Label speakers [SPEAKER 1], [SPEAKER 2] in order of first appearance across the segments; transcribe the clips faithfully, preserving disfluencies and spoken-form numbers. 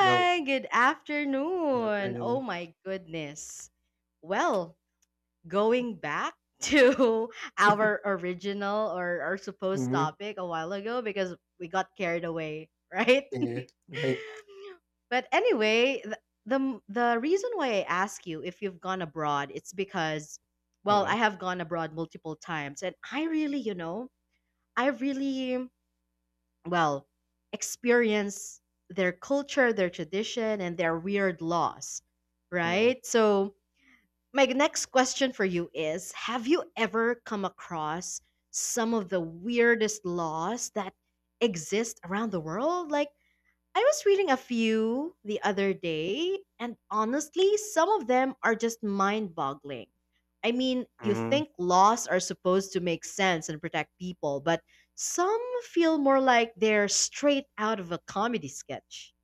[SPEAKER 1] No,
[SPEAKER 2] good
[SPEAKER 1] the
[SPEAKER 2] afternoon. Oh
[SPEAKER 1] afternoon.
[SPEAKER 2] my goodness. Well, going back to our original or our supposed
[SPEAKER 1] Mhm,
[SPEAKER 2] topic a while ago because we got carried away, right?
[SPEAKER 1] yeah, right.
[SPEAKER 2] But anyway, the, the the reason why I ask you if you've gone abroad, it's because well, I
[SPEAKER 1] Mhm,
[SPEAKER 2] have gone abroad multiple times and I really, you know, I really well, experience their culture, their tradition, and their weird laws,
[SPEAKER 1] mhm,
[SPEAKER 2] right? So, my next question for you is, have you ever come across some of the weirdest laws that exist around the world? Like, I was reading a few the other day, and honestly, some of them are just mind boggling. I mean, you
[SPEAKER 1] mhm.
[SPEAKER 2] think laws are supposed to make sense and protect people, but some feel more like they're straight out of a comedy sketch.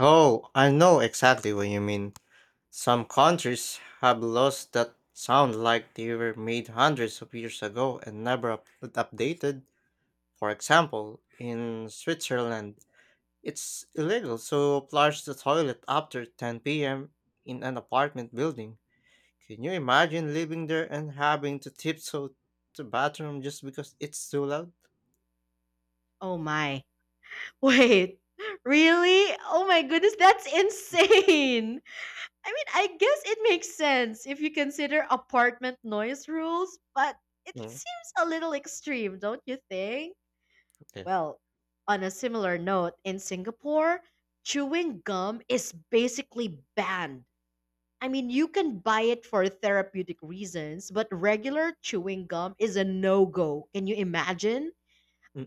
[SPEAKER 1] Oh, I know exactly what you mean. Some countries have laws that sound like they were made hundreds of years ago and never up- updated. For example, in Switzerland, it's illegal to flush the toilet after ten p m in an apartment building. Can you imagine living there and having to tiptoe to bathroom just because it's too loud?
[SPEAKER 2] Oh my. Wait, really? Oh my goodness, that's insane. I mean, I guess it makes sense if you consider apartment noise rules, but it
[SPEAKER 1] Mm,
[SPEAKER 2] seems a little extreme, don't you think? Well, on a similar note, in Singapore, chewing gum is basically banned. I mean, you can buy it for therapeutic reasons, but regular chewing gum is a no go. Can you imagine?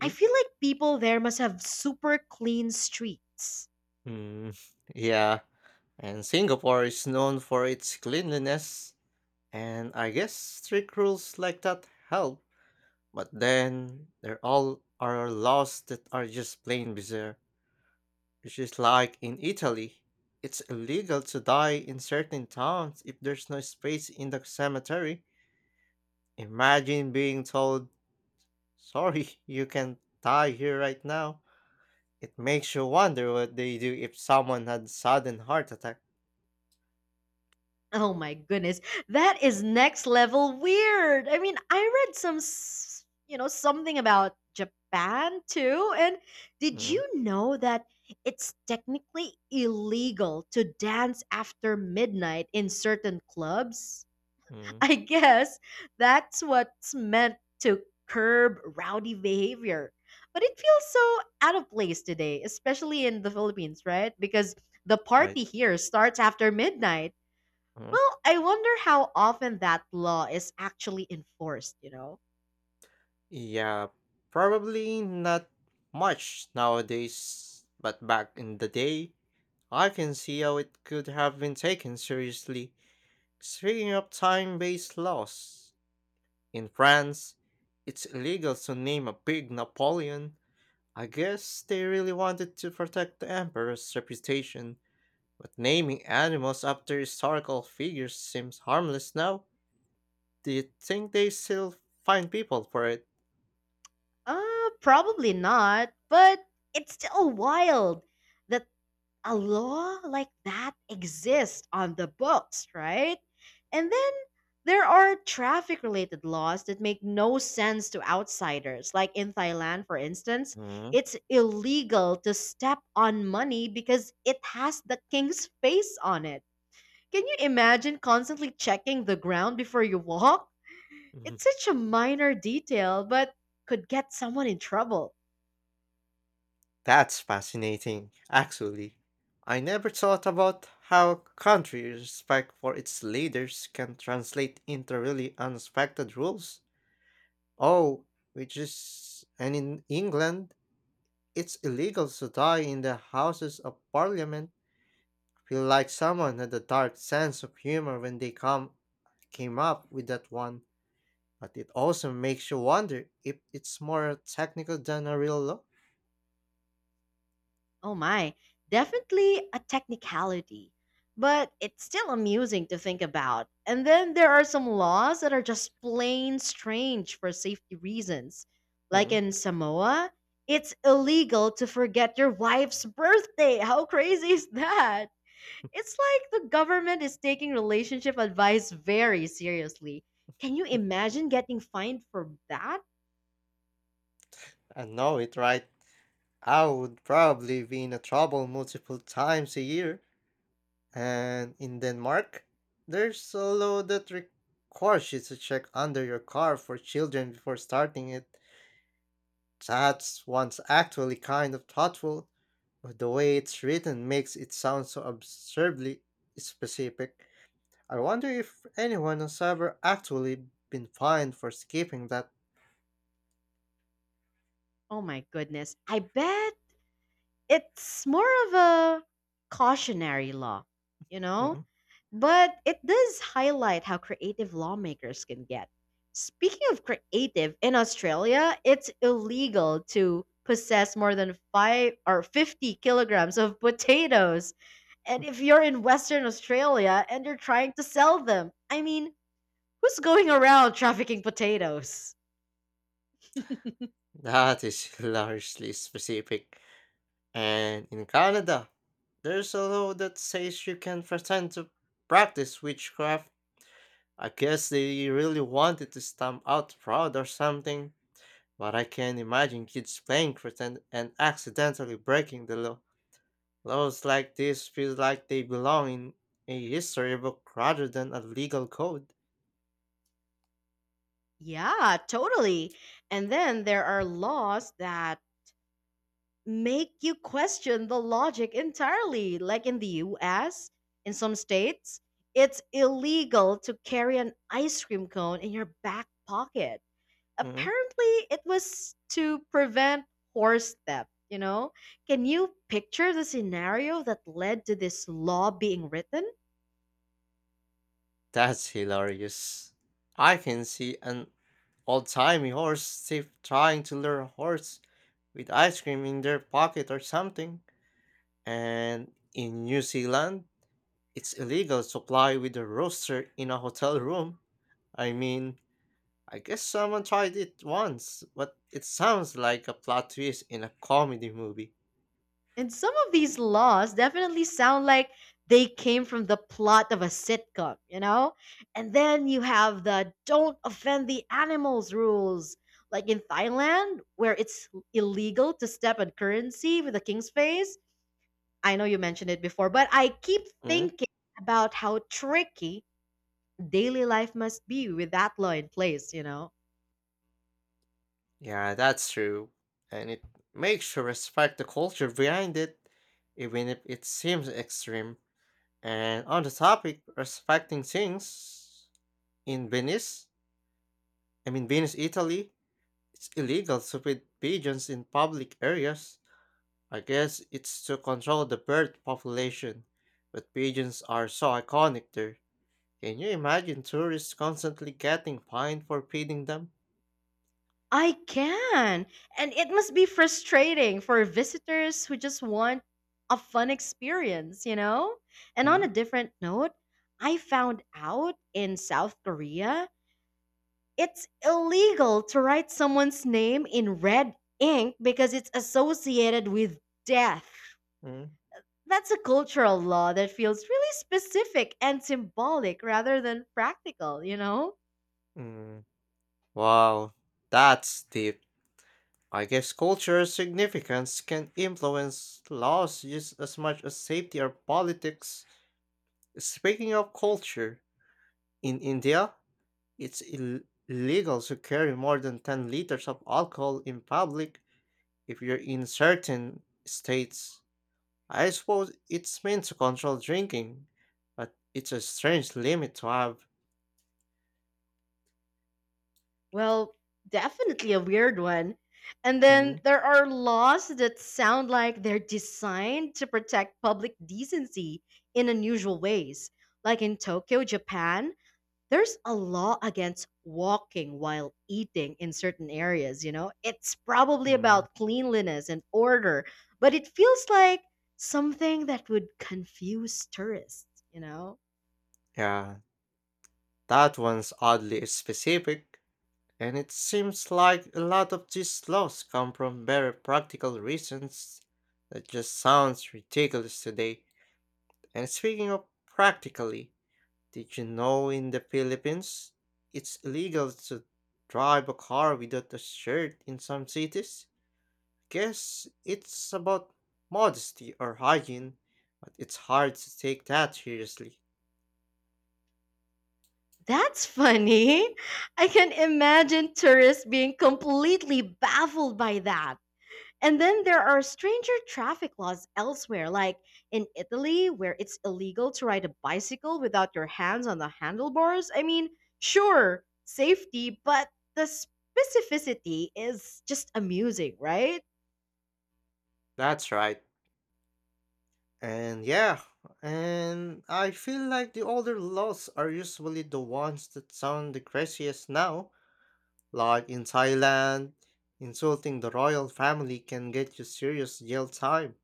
[SPEAKER 2] I feel like people there must have super clean streets.
[SPEAKER 1] mm, yeah, and Singapore is known for its cleanliness, and I guess strict rules like that help. But then there all are laws that are just plain bizarre, which is like in Italy. It's illegal to die in certain towns if there's no space in the cemetery. Imagine being told, sorry, you can die here right now. It makes you wonder what they do if someone had sudden heart attack.
[SPEAKER 2] Oh my goodness. That is next level weird. I mean, I read some, s- you know, something about Japan too. And did
[SPEAKER 1] Mm,
[SPEAKER 2] you know that it's technically illegal to dance after midnight in certain clubs?
[SPEAKER 1] mm,
[SPEAKER 2] I guess that's what's meant to curb rowdy behavior. But it feels so out of place today, especially in the Philippines, right? Because the
[SPEAKER 1] right.
[SPEAKER 2] party here starts after midnight.
[SPEAKER 1] Hmm.
[SPEAKER 2] Well, I wonder how often that law is actually enforced, you know?
[SPEAKER 1] Yeah, probably not much nowadays, but back in the day, I can see how it could have been taken seriously. Speaking of time-based laws, in France, it's illegal to name a big Napoleon. I guess they really wanted to protect the emperor's reputation, but naming animals after historical figures seems harmless now. Do you think they still find people for it?
[SPEAKER 2] Uh, probably not, but it's still wild that a law like that exists on the books, right? And then there are traffic related laws that make no sense to outsiders. Like in Thailand, for instance,
[SPEAKER 1] Mhm.
[SPEAKER 2] it's illegal to step on money because it has the king's face on it. Can you imagine constantly checking the ground before you walk?
[SPEAKER 1] Mhm.
[SPEAKER 2] It's such a minor detail, but could get someone in trouble.
[SPEAKER 1] That's fascinating, actually. I never thought about how country respect for its leaders can translate into really unexpected rules. Oh, which is and in England, it's illegal to die in the Houses of Parliament. I feel like someone had a dark sense of humor when they come came up with that one, but it also makes you wonder if it's more technical than a real law.
[SPEAKER 2] Oh my, definitely a technicality. But it's still amusing to think about. And then there are some laws that are just plain strange for safety reasons. Like
[SPEAKER 1] Mm,
[SPEAKER 2] in Samoa, it's illegal to forget your wife's birthday. How crazy is that? It's like the government is taking relationship advice very seriously. Can you imagine getting fined for that?
[SPEAKER 1] I know it, right? I would probably be in a trouble multiple times a year. And in Denmark, there's a law that requires you to check under your car for children before starting it. That's one's actually kind of thoughtful, but the way it's written makes it sound so absurdly specific. I wonder if anyone has ever actually been fined for skipping that.
[SPEAKER 2] Oh my goodness. I bet it's more of a cautionary law, you know?
[SPEAKER 1] Mm,
[SPEAKER 2] But it does highlight how creative lawmakers can get. Speaking of creative, in Australia, it's illegal to possess more than five or 50 kilograms of potatoes, and if you're in Western Australia and you're trying to sell them, I mean, who's going around trafficking potatoes?
[SPEAKER 1] That is largely specific. And in Canada, there's a law that says you can pretend to practice witchcraft. I guess they really wanted to stamp out fraud or something, but I can imagine kids playing pretend and accidentally breaking the law. Laws like this feel like they belong in a history book rather than a legal code.
[SPEAKER 2] Yeah, totally. And then there are laws that make you question the logic entirely. Like in the U S, in some states, it's illegal to carry an ice cream cone in your back pocket.
[SPEAKER 1] Mm,
[SPEAKER 2] Apparently, it was to prevent horse theft, you know? Can you picture the scenario that led to this law being written?
[SPEAKER 1] That's hilarious. I can see an old timey horse thief trying to lure a horse with ice cream in their pocket or something. And in New Zealand, it's illegal to fly with a rooster in a hotel room. I mean, I guess someone tried it once, but it sounds like a plot twist in a comedy movie.
[SPEAKER 2] And some of these laws definitely sound like they came from the plot of a sitcom, you know? And then you have the don't offend the animals rules. Like in Thailand, where it's illegal to step on currency with the king's face. I know you mentioned it before, but I keep
[SPEAKER 1] Mm-hmm.
[SPEAKER 2] thinking about how tricky daily life must be with that law in place, you know?
[SPEAKER 1] Yeah, that's true. And it makes you respect the culture behind it, even if it seems extreme. And on the topic, respecting things in Venice, I mean, Venice, Italy, it's illegal to feed pigeons in public areas. I guess it's to control the bird population. But pigeons are so iconic there. Can you imagine tourists constantly getting fined for feeding them?
[SPEAKER 2] I can. And it must be frustrating for visitors who just want a fun experience, you know? And on a
[SPEAKER 1] Mm,
[SPEAKER 2] different note, I found out in South Korea, it's illegal to write someone's name in red ink because it's associated with death.
[SPEAKER 1] mm,
[SPEAKER 2] That's a cultural law that feels really specific and symbolic rather than practical, you know?
[SPEAKER 1] mm. Wow, that's deep. I guess cultural significance can influence laws just as much as safety or politics. Speaking of culture, in India, it's Ill- illegal to carry more than ten liters of alcohol in public if you're in certain states. I suppose it's meant to control drinking, but it's a strange limit to have.
[SPEAKER 2] Well, definitely a weird one. And
[SPEAKER 1] Hmm?
[SPEAKER 2] then there are laws that sound like they're designed to protect public decency in unusual ways. Like in Tokyo, Japan, there's a law against walking while eating in certain areas, you know? It's probably
[SPEAKER 1] Mm,
[SPEAKER 2] about cleanliness and order, but it feels like something that would confuse tourists, you know?
[SPEAKER 1] yeah, that one's oddly specific, and it seems like a lot of these laws come from very practical reasons that just sounds ridiculous today. And speaking of practically, did you know in the Philippines, it's illegal to drive a car without a shirt in some cities? Guess it's about modesty or hygiene, but it's hard to take that seriously.
[SPEAKER 2] That's funny. I can imagine tourists being completely baffled by that. And then there are stranger traffic laws elsewhere, like in Italy, where it's illegal to ride a bicycle without your hands on the handlebars. I mean, sure, safety, but the specificity is just amusing, right?
[SPEAKER 1] That's right. And yeah, and I feel like the older laws are usually the ones that sound the craziest now. Like in Thailand, insulting the royal family can get you serious jail time.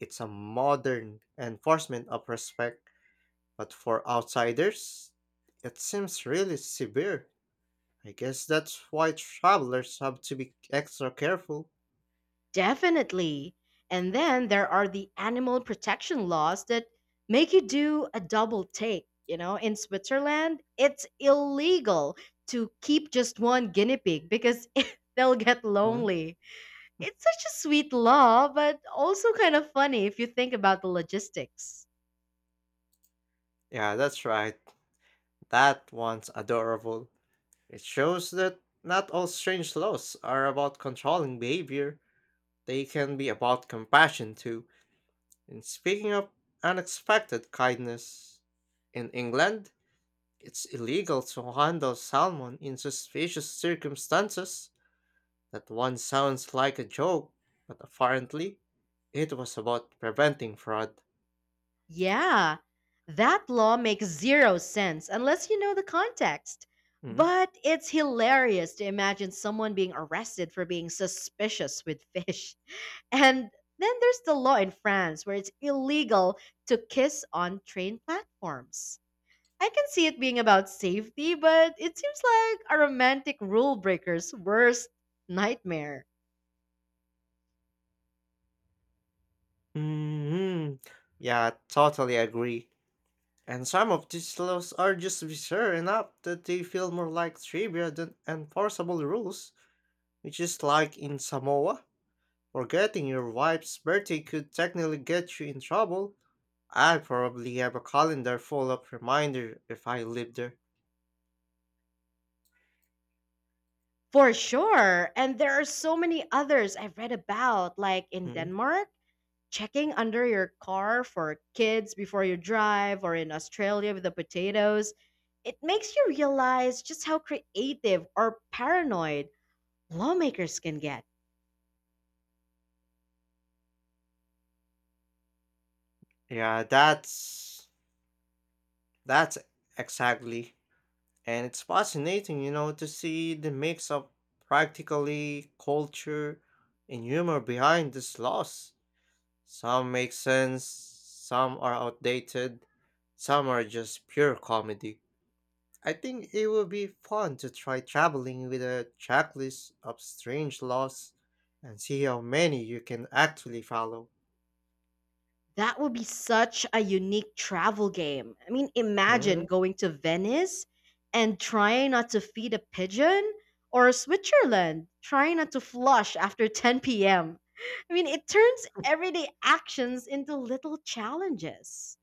[SPEAKER 1] It's a modern enforcement of respect, but for outsiders, it seems really severe. I guess that's why travelers have to be extra careful.
[SPEAKER 2] Definitely. And then there are the animal protection laws that make you do a double take. You know, in Switzerland, it's illegal to keep just one guinea pig because they'll get
[SPEAKER 1] Mhm.
[SPEAKER 2] lonely. It's such a sweet law, but also kind of funny if you think about the logistics.
[SPEAKER 1] Yeah, that's right. That one's adorable. It shows that not all strange laws are about controlling behavior, they can be about compassion too. And speaking of unexpected kindness, in England, it's illegal to handle salmon in suspicious circumstances. That one sounds like a joke, but apparently it was about preventing fraud.
[SPEAKER 2] Yeah, that law makes zero sense unless you know the context.
[SPEAKER 1] Mm.
[SPEAKER 2] But it's hilarious to imagine someone being arrested for being suspicious with fish. And then there's the law in France where it's illegal to kiss on train platforms. I can see it being about safety, but it seems like a romantic rule breaker's worst nightmare.
[SPEAKER 1] hmm Yeah, totally agree. And some of these laws are just bizarre enough that they feel more like trivia than enforceable rules, which is like in Samoa. Forgetting your wife's birthday could technically get you in trouble. I probably have a calendar full of reminders if I lived there.
[SPEAKER 2] For sure. And there are so many others I've read about, like in
[SPEAKER 1] Mhm.
[SPEAKER 2] Denmark checking under your car for kids before you drive, or in Australia with the potatoes. It makes you realize just how creative or paranoid lawmakers can get.
[SPEAKER 1] Yeah, that's that's exactly. And it's fascinating, you know, to see the mix of practically culture and humor behind these laws. Some make sense, some are outdated, some are just pure comedy. I think it would be fun to try traveling with a checklist of strange laws and see how many you can actually follow.
[SPEAKER 2] That would be such a unique travel game. I mean, imagine
[SPEAKER 1] Mm,
[SPEAKER 2] going to Venice and trying not to feed a pigeon, or Switzerland, trying not to flush after ten p m. I mean, it turns everyday actions into little challenges.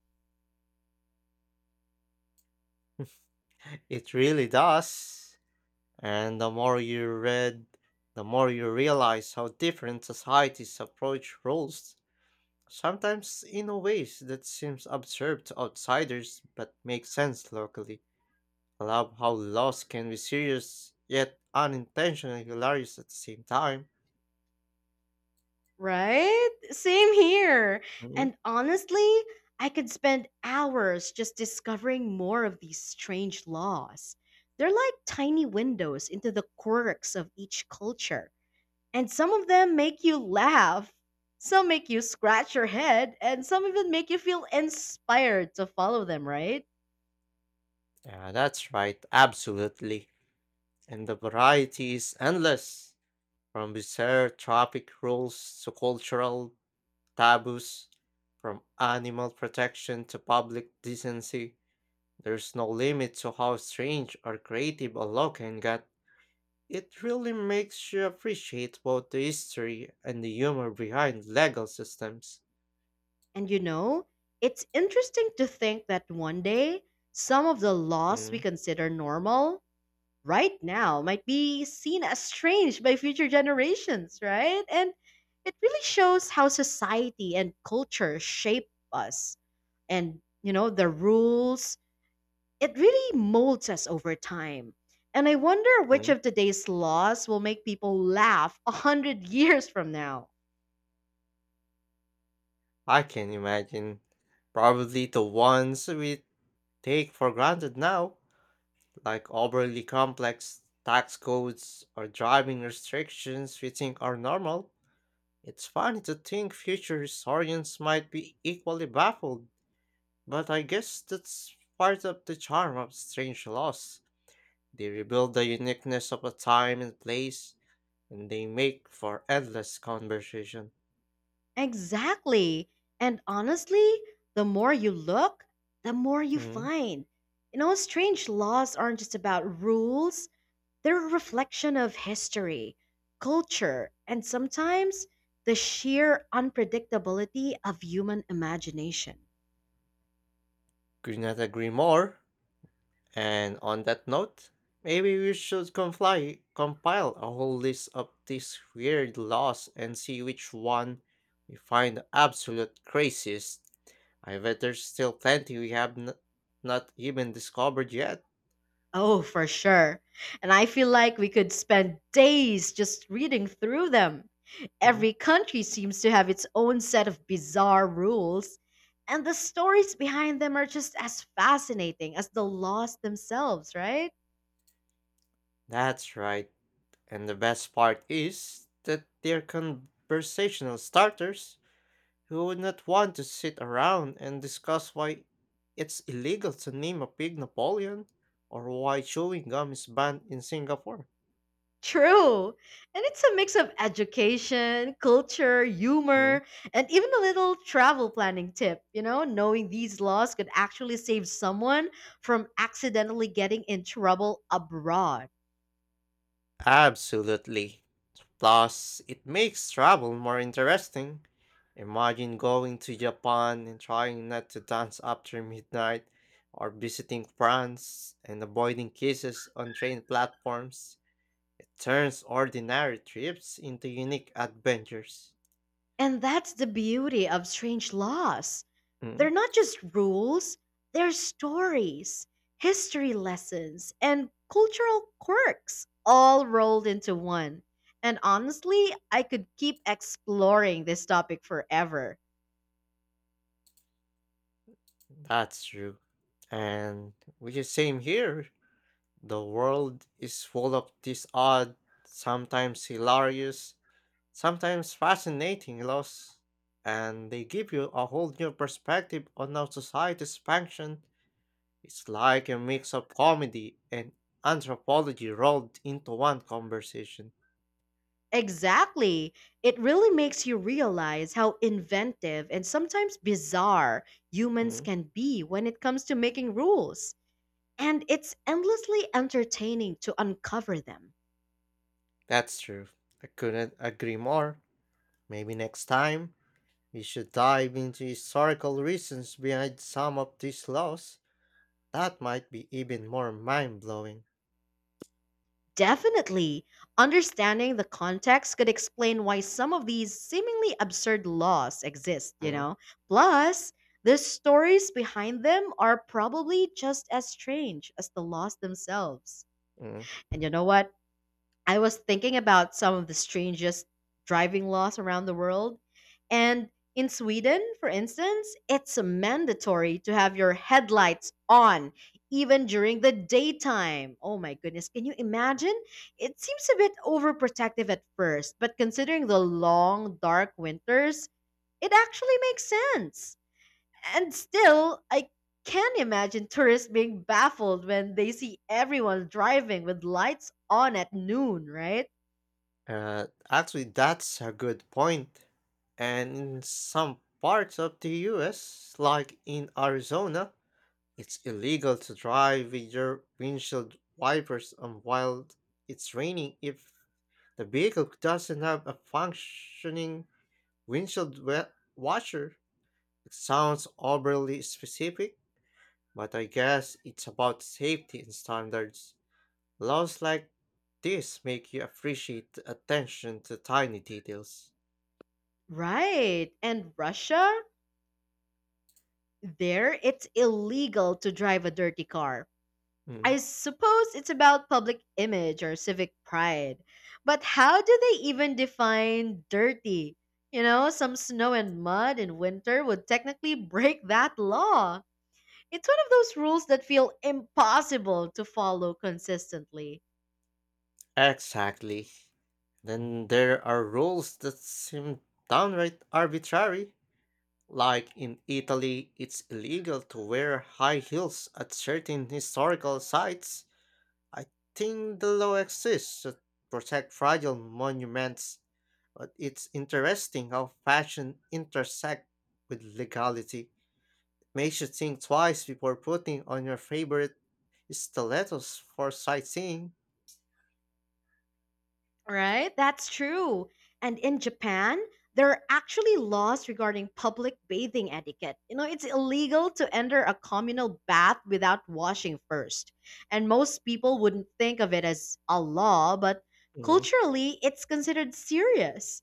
[SPEAKER 1] It really does. And the more you read, the more you realize how different societies approach rules, sometimes in a ways that seems absurd to outsiders but makes sense locally. I love how laws can be serious yet unintentionally hilarious at the same time.
[SPEAKER 2] Right? Same here. And honestly, I could spend hours just discovering more of these strange laws. They're like tiny windows into the quirks of each culture. And some of them make you laugh, some make you scratch your head, and some even make you feel inspired to follow them, right?
[SPEAKER 1] Yeah, that's right, absolutely. And the variety is endless, from bizarre traffic rules to cultural taboos, from animal protection to public decency. There's no limit to how strange or creative a law can get. It really makes you appreciate both the history and the humor behind legal systems.
[SPEAKER 2] And you know, it's interesting to think that one day, some of the laws we
[SPEAKER 1] Mm-hmm.
[SPEAKER 2] consider normal right now might be seen as strange by future generations, right? And it really shows how society and culture shape us and, you know, the rules. It really molds us over time. And I wonder which of today's laws will make people laugh a hundred years from now.
[SPEAKER 1] I can imagine. Probably the ones we take for granted now, like overly complex tax codes or driving restrictions we think are normal. It's funny to think future historians might be equally baffled. But I guess that's part of the charm of strange laws. They rebuild the uniqueness of a time and place, and they make for endless conversation.
[SPEAKER 2] Exactly. And honestly, the more you look, the more you
[SPEAKER 1] Hmm,
[SPEAKER 2] find. You know, strange laws aren't just about rules. They're a reflection of history, culture, and sometimes the sheer unpredictability of human imagination.
[SPEAKER 1] Could not agree more. And on that note, maybe we should comply, compile a whole list of these weird laws and see which one we find the absolute craziest. I bet there's still plenty we have n- not even discovered yet.
[SPEAKER 2] Oh, for sure. And I feel like we could spend days just reading through them.
[SPEAKER 1] Mhm.
[SPEAKER 2] Every country seems to have its own set of bizarre rules, and the stories behind them are just as fascinating as the laws themselves, right?
[SPEAKER 1] That's right. And the best part is that they're conversational starters. Who would not want to sit around and discuss why it's illegal to name a pig Napoleon or why chewing gum is banned in Singapore?
[SPEAKER 2] True. And it's a mix of education, culture,
[SPEAKER 1] Mhm.
[SPEAKER 2] humor, and even a little travel planning tip. You know, knowing these laws could actually save someone from accidentally getting in trouble abroad.
[SPEAKER 1] Absolutely. Plus, it makes travel more interesting. Imagine going to Japan and trying not to dance after midnight, or visiting France and avoiding kisses on train platforms. It turns ordinary trips into unique adventures.
[SPEAKER 2] And that's the beauty of strange laws. They're not just rules, they're stories, history lessons, and cultural quirks all rolled into one. And honestly, I could keep exploring this topic forever.
[SPEAKER 1] That's true. And which is same here. The world is full of these odd, sometimes hilarious, sometimes fascinating laws, and they give you a whole new perspective on how societies function. It's like a mix of comedy and anthropology rolled into one conversation.
[SPEAKER 2] Exactly. It really makes you realize how inventive and sometimes bizarre humans
[SPEAKER 1] Mm,
[SPEAKER 2] can be when it comes to making rules. And it's endlessly entertaining to uncover them.
[SPEAKER 1] that's true. I couldn't agree more. Maybe next time we should dive into historical reasons behind some of these laws. That might be even more mind blowing.
[SPEAKER 2] Definitely, understanding the context could explain why some of these seemingly absurd laws exist, you
[SPEAKER 1] mm
[SPEAKER 2] know? Plus, the stories behind them are probably just as strange as the laws themselves.
[SPEAKER 1] mm.
[SPEAKER 2] And you know what? I was thinking about some of the strangest driving laws around the world. And in Sweden, for instance, it's mandatory to have your headlights on even during the daytime. Oh my goodness, can you imagine? It seems a bit overprotective at first, but considering the long, dark winters, it actually makes sense. And still, I can imagine tourists being baffled when they see everyone driving with lights on at noon, right?
[SPEAKER 1] Uh, actually, that's a good point. And in some parts of the U S, like in Arizona, it's illegal to drive with your windshield wipers on while it's raining if the vehicle doesn't have a functioning windshield wa- washer. It sounds overly specific, but I guess it's about safety and standards. Laws like this make you appreciate the attention to tiny details.
[SPEAKER 2] Right. And Russia, there it's illegal to drive a dirty car.
[SPEAKER 1] Mm.
[SPEAKER 2] I suppose it's about public image or civic pride. But how do they even define dirty? You know, some snow and mud in winter would technically break that law. It's one of those rules that feel impossible to follow consistently.
[SPEAKER 1] Exactly. Then there are rules that seem downright arbitrary. Like in Italy, it's illegal to wear high heels at certain historical sites. I think the law exists to protect fragile monuments, but it's interesting how fashion intersects with legality. Makes you think twice before putting on your favorite stilettos for sightseeing.
[SPEAKER 2] Right? That's true. And in Japan, there are actually laws regarding public bathing etiquette. You know, it's illegal to enter a communal bath without washing first. And most people wouldn't think of it as a law, but
[SPEAKER 1] Mhm.
[SPEAKER 2] culturally, it's considered serious.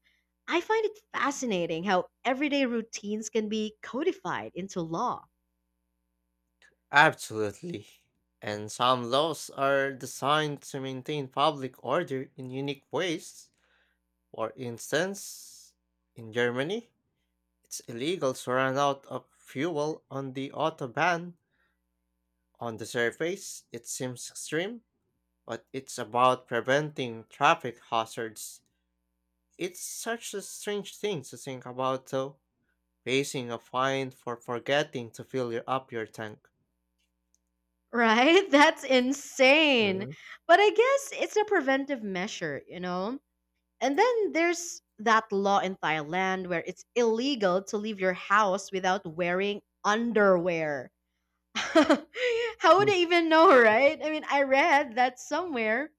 [SPEAKER 2] I find it fascinating how everyday routines can be codified into law.
[SPEAKER 1] Absolutely. And some laws are designed to maintain public order in unique ways. For instance, in Germany, it's illegal to run out of fuel on the autobahn. On the surface, it seems extreme, but it's about preventing traffic hazards. It's such a strange thing to think about, though, facing a fine for forgetting to fill your, up your tank.
[SPEAKER 2] Right? That's insane.
[SPEAKER 1] Mm,
[SPEAKER 2] But I guess it's a preventive measure, you know? And then there's that law in Thailand where it's illegal to leave your house without wearing underwear. How would
[SPEAKER 1] mm,
[SPEAKER 2] I even know, right? I mean, I read that somewhere.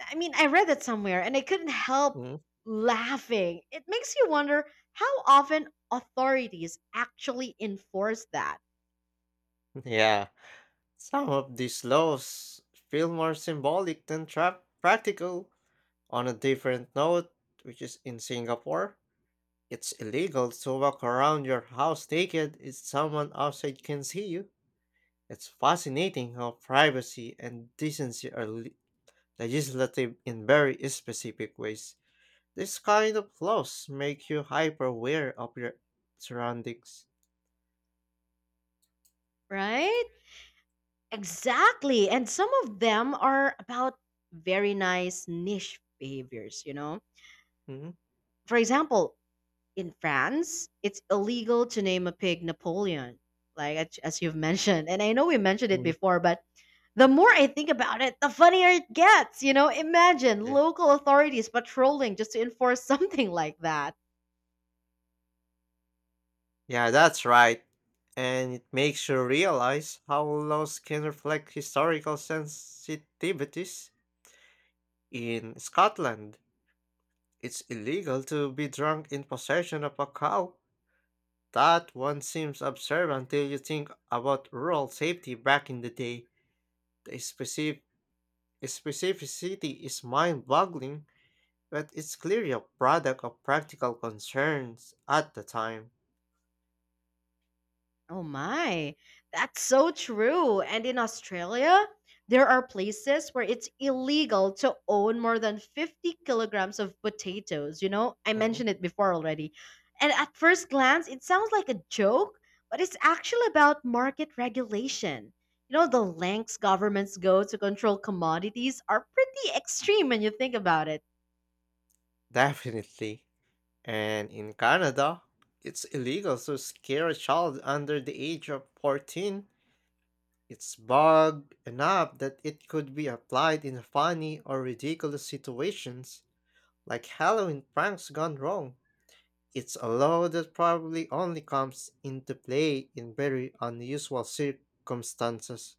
[SPEAKER 2] I mean, I read that somewhere and I couldn't help
[SPEAKER 1] mm.
[SPEAKER 2] laughing. It makes you wonder how often authorities actually enforce that,
[SPEAKER 1] Yeah, some of these laws feel more symbolic than tra- practical. On a different note, which is in Singapore, it's illegal to walk around your house naked if someone outside can see you. It's fascinating how privacy and decency are le- legislative in very specific ways. These kind of laws make you hyper aware of your surroundings.
[SPEAKER 2] right? Exactly. And some of them are about very nice niche behaviors, you know?
[SPEAKER 1] Mhm.
[SPEAKER 2] For example, in France, it's illegal to name a pig Napoleon, like as, as you've mentioned. And I know we mentioned it
[SPEAKER 1] Mm.
[SPEAKER 2] before, but the more I think about it, the funnier it gets. You know, imagine
[SPEAKER 1] Yeah.
[SPEAKER 2] local authorities patrolling just to enforce something like that.
[SPEAKER 1] yeah, that's right. And it makes you realize how laws can reflect historical sensitivities. In Scotland, it's illegal to be drunk in possession of a cow. That one seems absurd until you think about rural safety back in the day. The specific specificity is mind-boggling, but it's clearly a product of practical concerns at the time.
[SPEAKER 2] Oh my, that's so true. And in Australia, there are places where it's illegal to own more than fifty kilograms of potatoes. You know, I
[SPEAKER 1] Mm,
[SPEAKER 2] mentioned it before already. And at first glance, it sounds like a joke, but it's actually about market regulation. You know, the lengths governments go to control commodities are pretty extreme when you think about it.
[SPEAKER 1] Definitely. And in Canada, it's illegal to scare a child under the age of fourteen. It's bug enough that it could be applied in funny or ridiculous situations, like Halloween pranks gone wrong. It's a law that probably only comes into play in very unusual circumstances.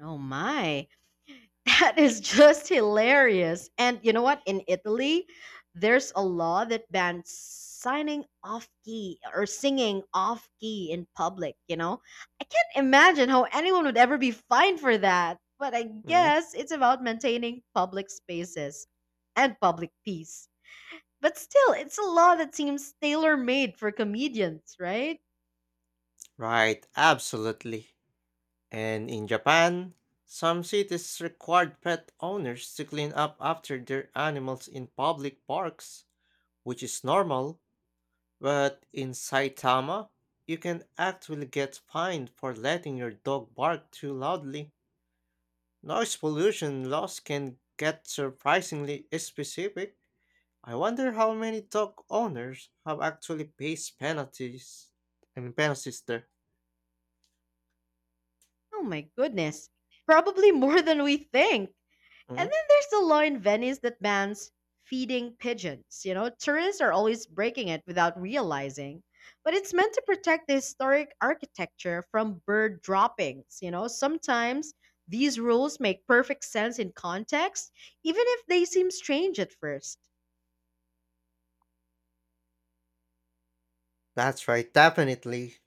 [SPEAKER 2] Oh my. That is just hilarious. And you know what? In Italy, there's a law that bans signing off key or singing off key in public, you know? I can't imagine how anyone would ever be fined for that. But I
[SPEAKER 1] Mm,
[SPEAKER 2] guess it's about maintaining public spaces and public peace. But still, it's a law that seems tailor made for comedians, right?
[SPEAKER 1] Right, absolutely. And in Japan, some cities required pet owners to clean up after their animals in public parks, which is normal, but in Saitama, you can actually get fined for letting your dog bark too loudly. Noise pollution laws can get surprisingly specific. I wonder how many dog owners have actually paid penalties. I mean, penalties there.
[SPEAKER 2] Oh my goodness. Probably more than we think. And
[SPEAKER 1] Mhm.
[SPEAKER 2] then there's the law in Venice that bans feeding pigeons. You know, tourists are always breaking it without realizing. But it's meant to protect the historic architecture from bird droppings. You know, sometimes these rules make perfect sense in context, even if they seem strange at first.
[SPEAKER 1] That's right, definitely.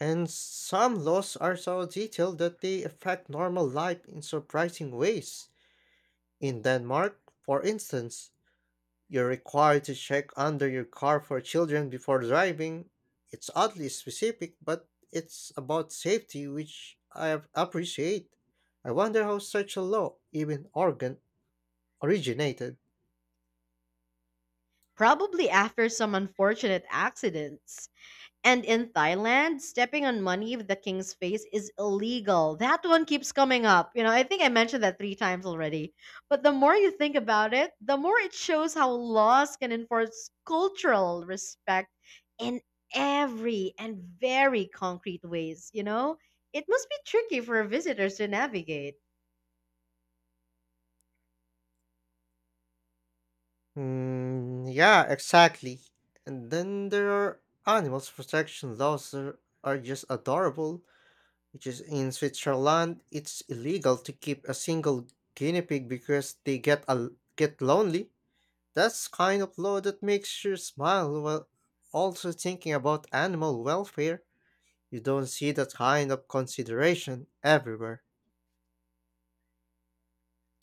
[SPEAKER 1] And some laws are so detailed that they affect normal life in surprising ways. In Denmark, for instance, you're required to check under your car for children before driving. It's oddly specific, but it's about safety, which I ap- appreciate. I wonder how such a law even organ originated.
[SPEAKER 2] Probably after some unfortunate accidents. And in Thailand, stepping on money with the king's face is illegal. That one keeps coming up. You know, I think I mentioned that three times already. But the more you think about it, the more it shows how laws can enforce cultural respect in every and very concrete ways. You know, it must be tricky for visitors to navigate.
[SPEAKER 1] Mm, yeah, exactly. And then there are animals protection laws that are just adorable, which is in Switzerland, it's illegal to keep a single guinea pig because they get a, get lonely. That's kind of law that makes you smile while also thinking about animal welfare. You don't see that kind of consideration everywhere.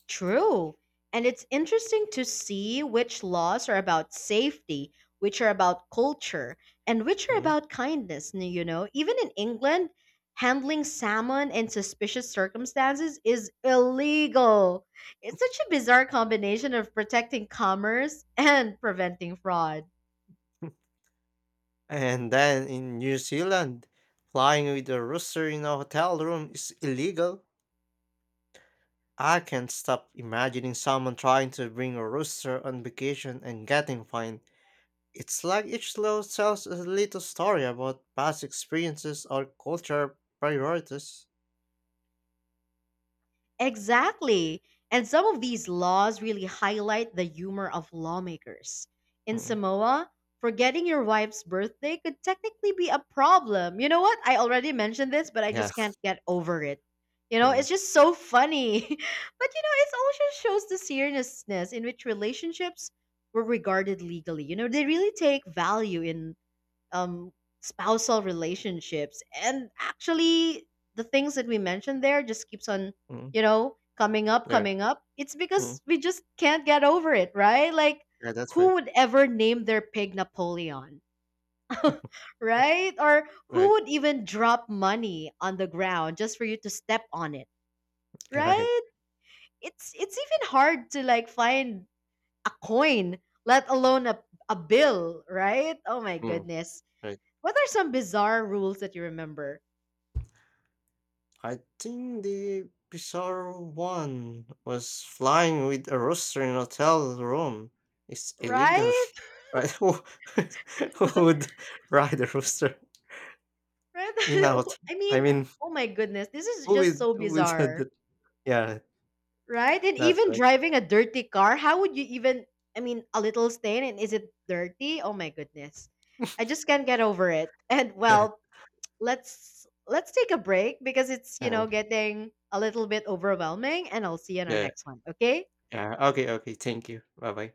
[SPEAKER 2] True. And it's interesting to see which laws are about safety, which are about culture, and which are
[SPEAKER 1] Mm.
[SPEAKER 2] about kindness. n- You know, even in England, handling salmon in suspicious circumstances is illegal. It's such a bizarre combination of protecting commerce and preventing fraud.
[SPEAKER 1] And then in New Zealand, flying with a rooster in a hotel room is illegal. I can't stop imagining someone trying to bring a rooster on vacation and getting fined. It's like each level tells a little story about past experiences or cultural priorities.
[SPEAKER 2] Exactly. And some of these laws really highlight the humor of lawmakers. In
[SPEAKER 1] Mm,
[SPEAKER 2] Samoa, forgetting your wife's birthday could technically be a problem. You know what? I already mentioned this, but I
[SPEAKER 1] Yeah.
[SPEAKER 2] just can't get over it. You know,
[SPEAKER 1] mm,
[SPEAKER 2] it's just so funny. But you know, it also shows the seriousness in which relationships were regarded legally. You know, they really take value in um, spousal relationships, and actually the things that we mentioned there just keeps on,
[SPEAKER 1] mm,
[SPEAKER 2] you know, coming up
[SPEAKER 1] yeah,
[SPEAKER 2] coming up It's
[SPEAKER 1] mm,
[SPEAKER 2] because we just can't get over it, right? Like
[SPEAKER 1] yeah, that's right.
[SPEAKER 2] who would ever name their pig Napoleon? Right? Or who
[SPEAKER 1] Right.
[SPEAKER 2] would even drop money on the ground just for you to step on it?
[SPEAKER 1] Yeah, right.
[SPEAKER 2] Right. It's it's even hard to like find a coin, let alone a, a bill, right? Oh my
[SPEAKER 1] Mm,
[SPEAKER 2] goodness.
[SPEAKER 1] right.
[SPEAKER 2] What are some bizarre rules that you remember?
[SPEAKER 1] I think the bizarre one was flying with a rooster in a hotel room. It's illegal.
[SPEAKER 2] Right?
[SPEAKER 1] Right? Who, who would ride a rooster
[SPEAKER 2] Right?
[SPEAKER 1] in a hotel?
[SPEAKER 2] I
[SPEAKER 1] I
[SPEAKER 2] mean,
[SPEAKER 1] mean,
[SPEAKER 2] oh my goodness, this is
[SPEAKER 1] who
[SPEAKER 2] just
[SPEAKER 1] would?
[SPEAKER 2] so
[SPEAKER 1] who would do
[SPEAKER 2] bizarre,
[SPEAKER 1] that? Yeah,
[SPEAKER 2] right? And
[SPEAKER 1] that's
[SPEAKER 2] even
[SPEAKER 1] right.
[SPEAKER 2] driving a dirty car, how would you even, I mean, a little stain and is it dirty? Oh my goodness. I just can't get over it. And well, let's let's take a break because it's, you
[SPEAKER 1] Yeah,
[SPEAKER 2] know, getting a little bit overwhelming, and I'll see you in our
[SPEAKER 1] yeah.
[SPEAKER 2] next one, okay?
[SPEAKER 1] Yeah. Okay. Okay. Thank you. Bye bye.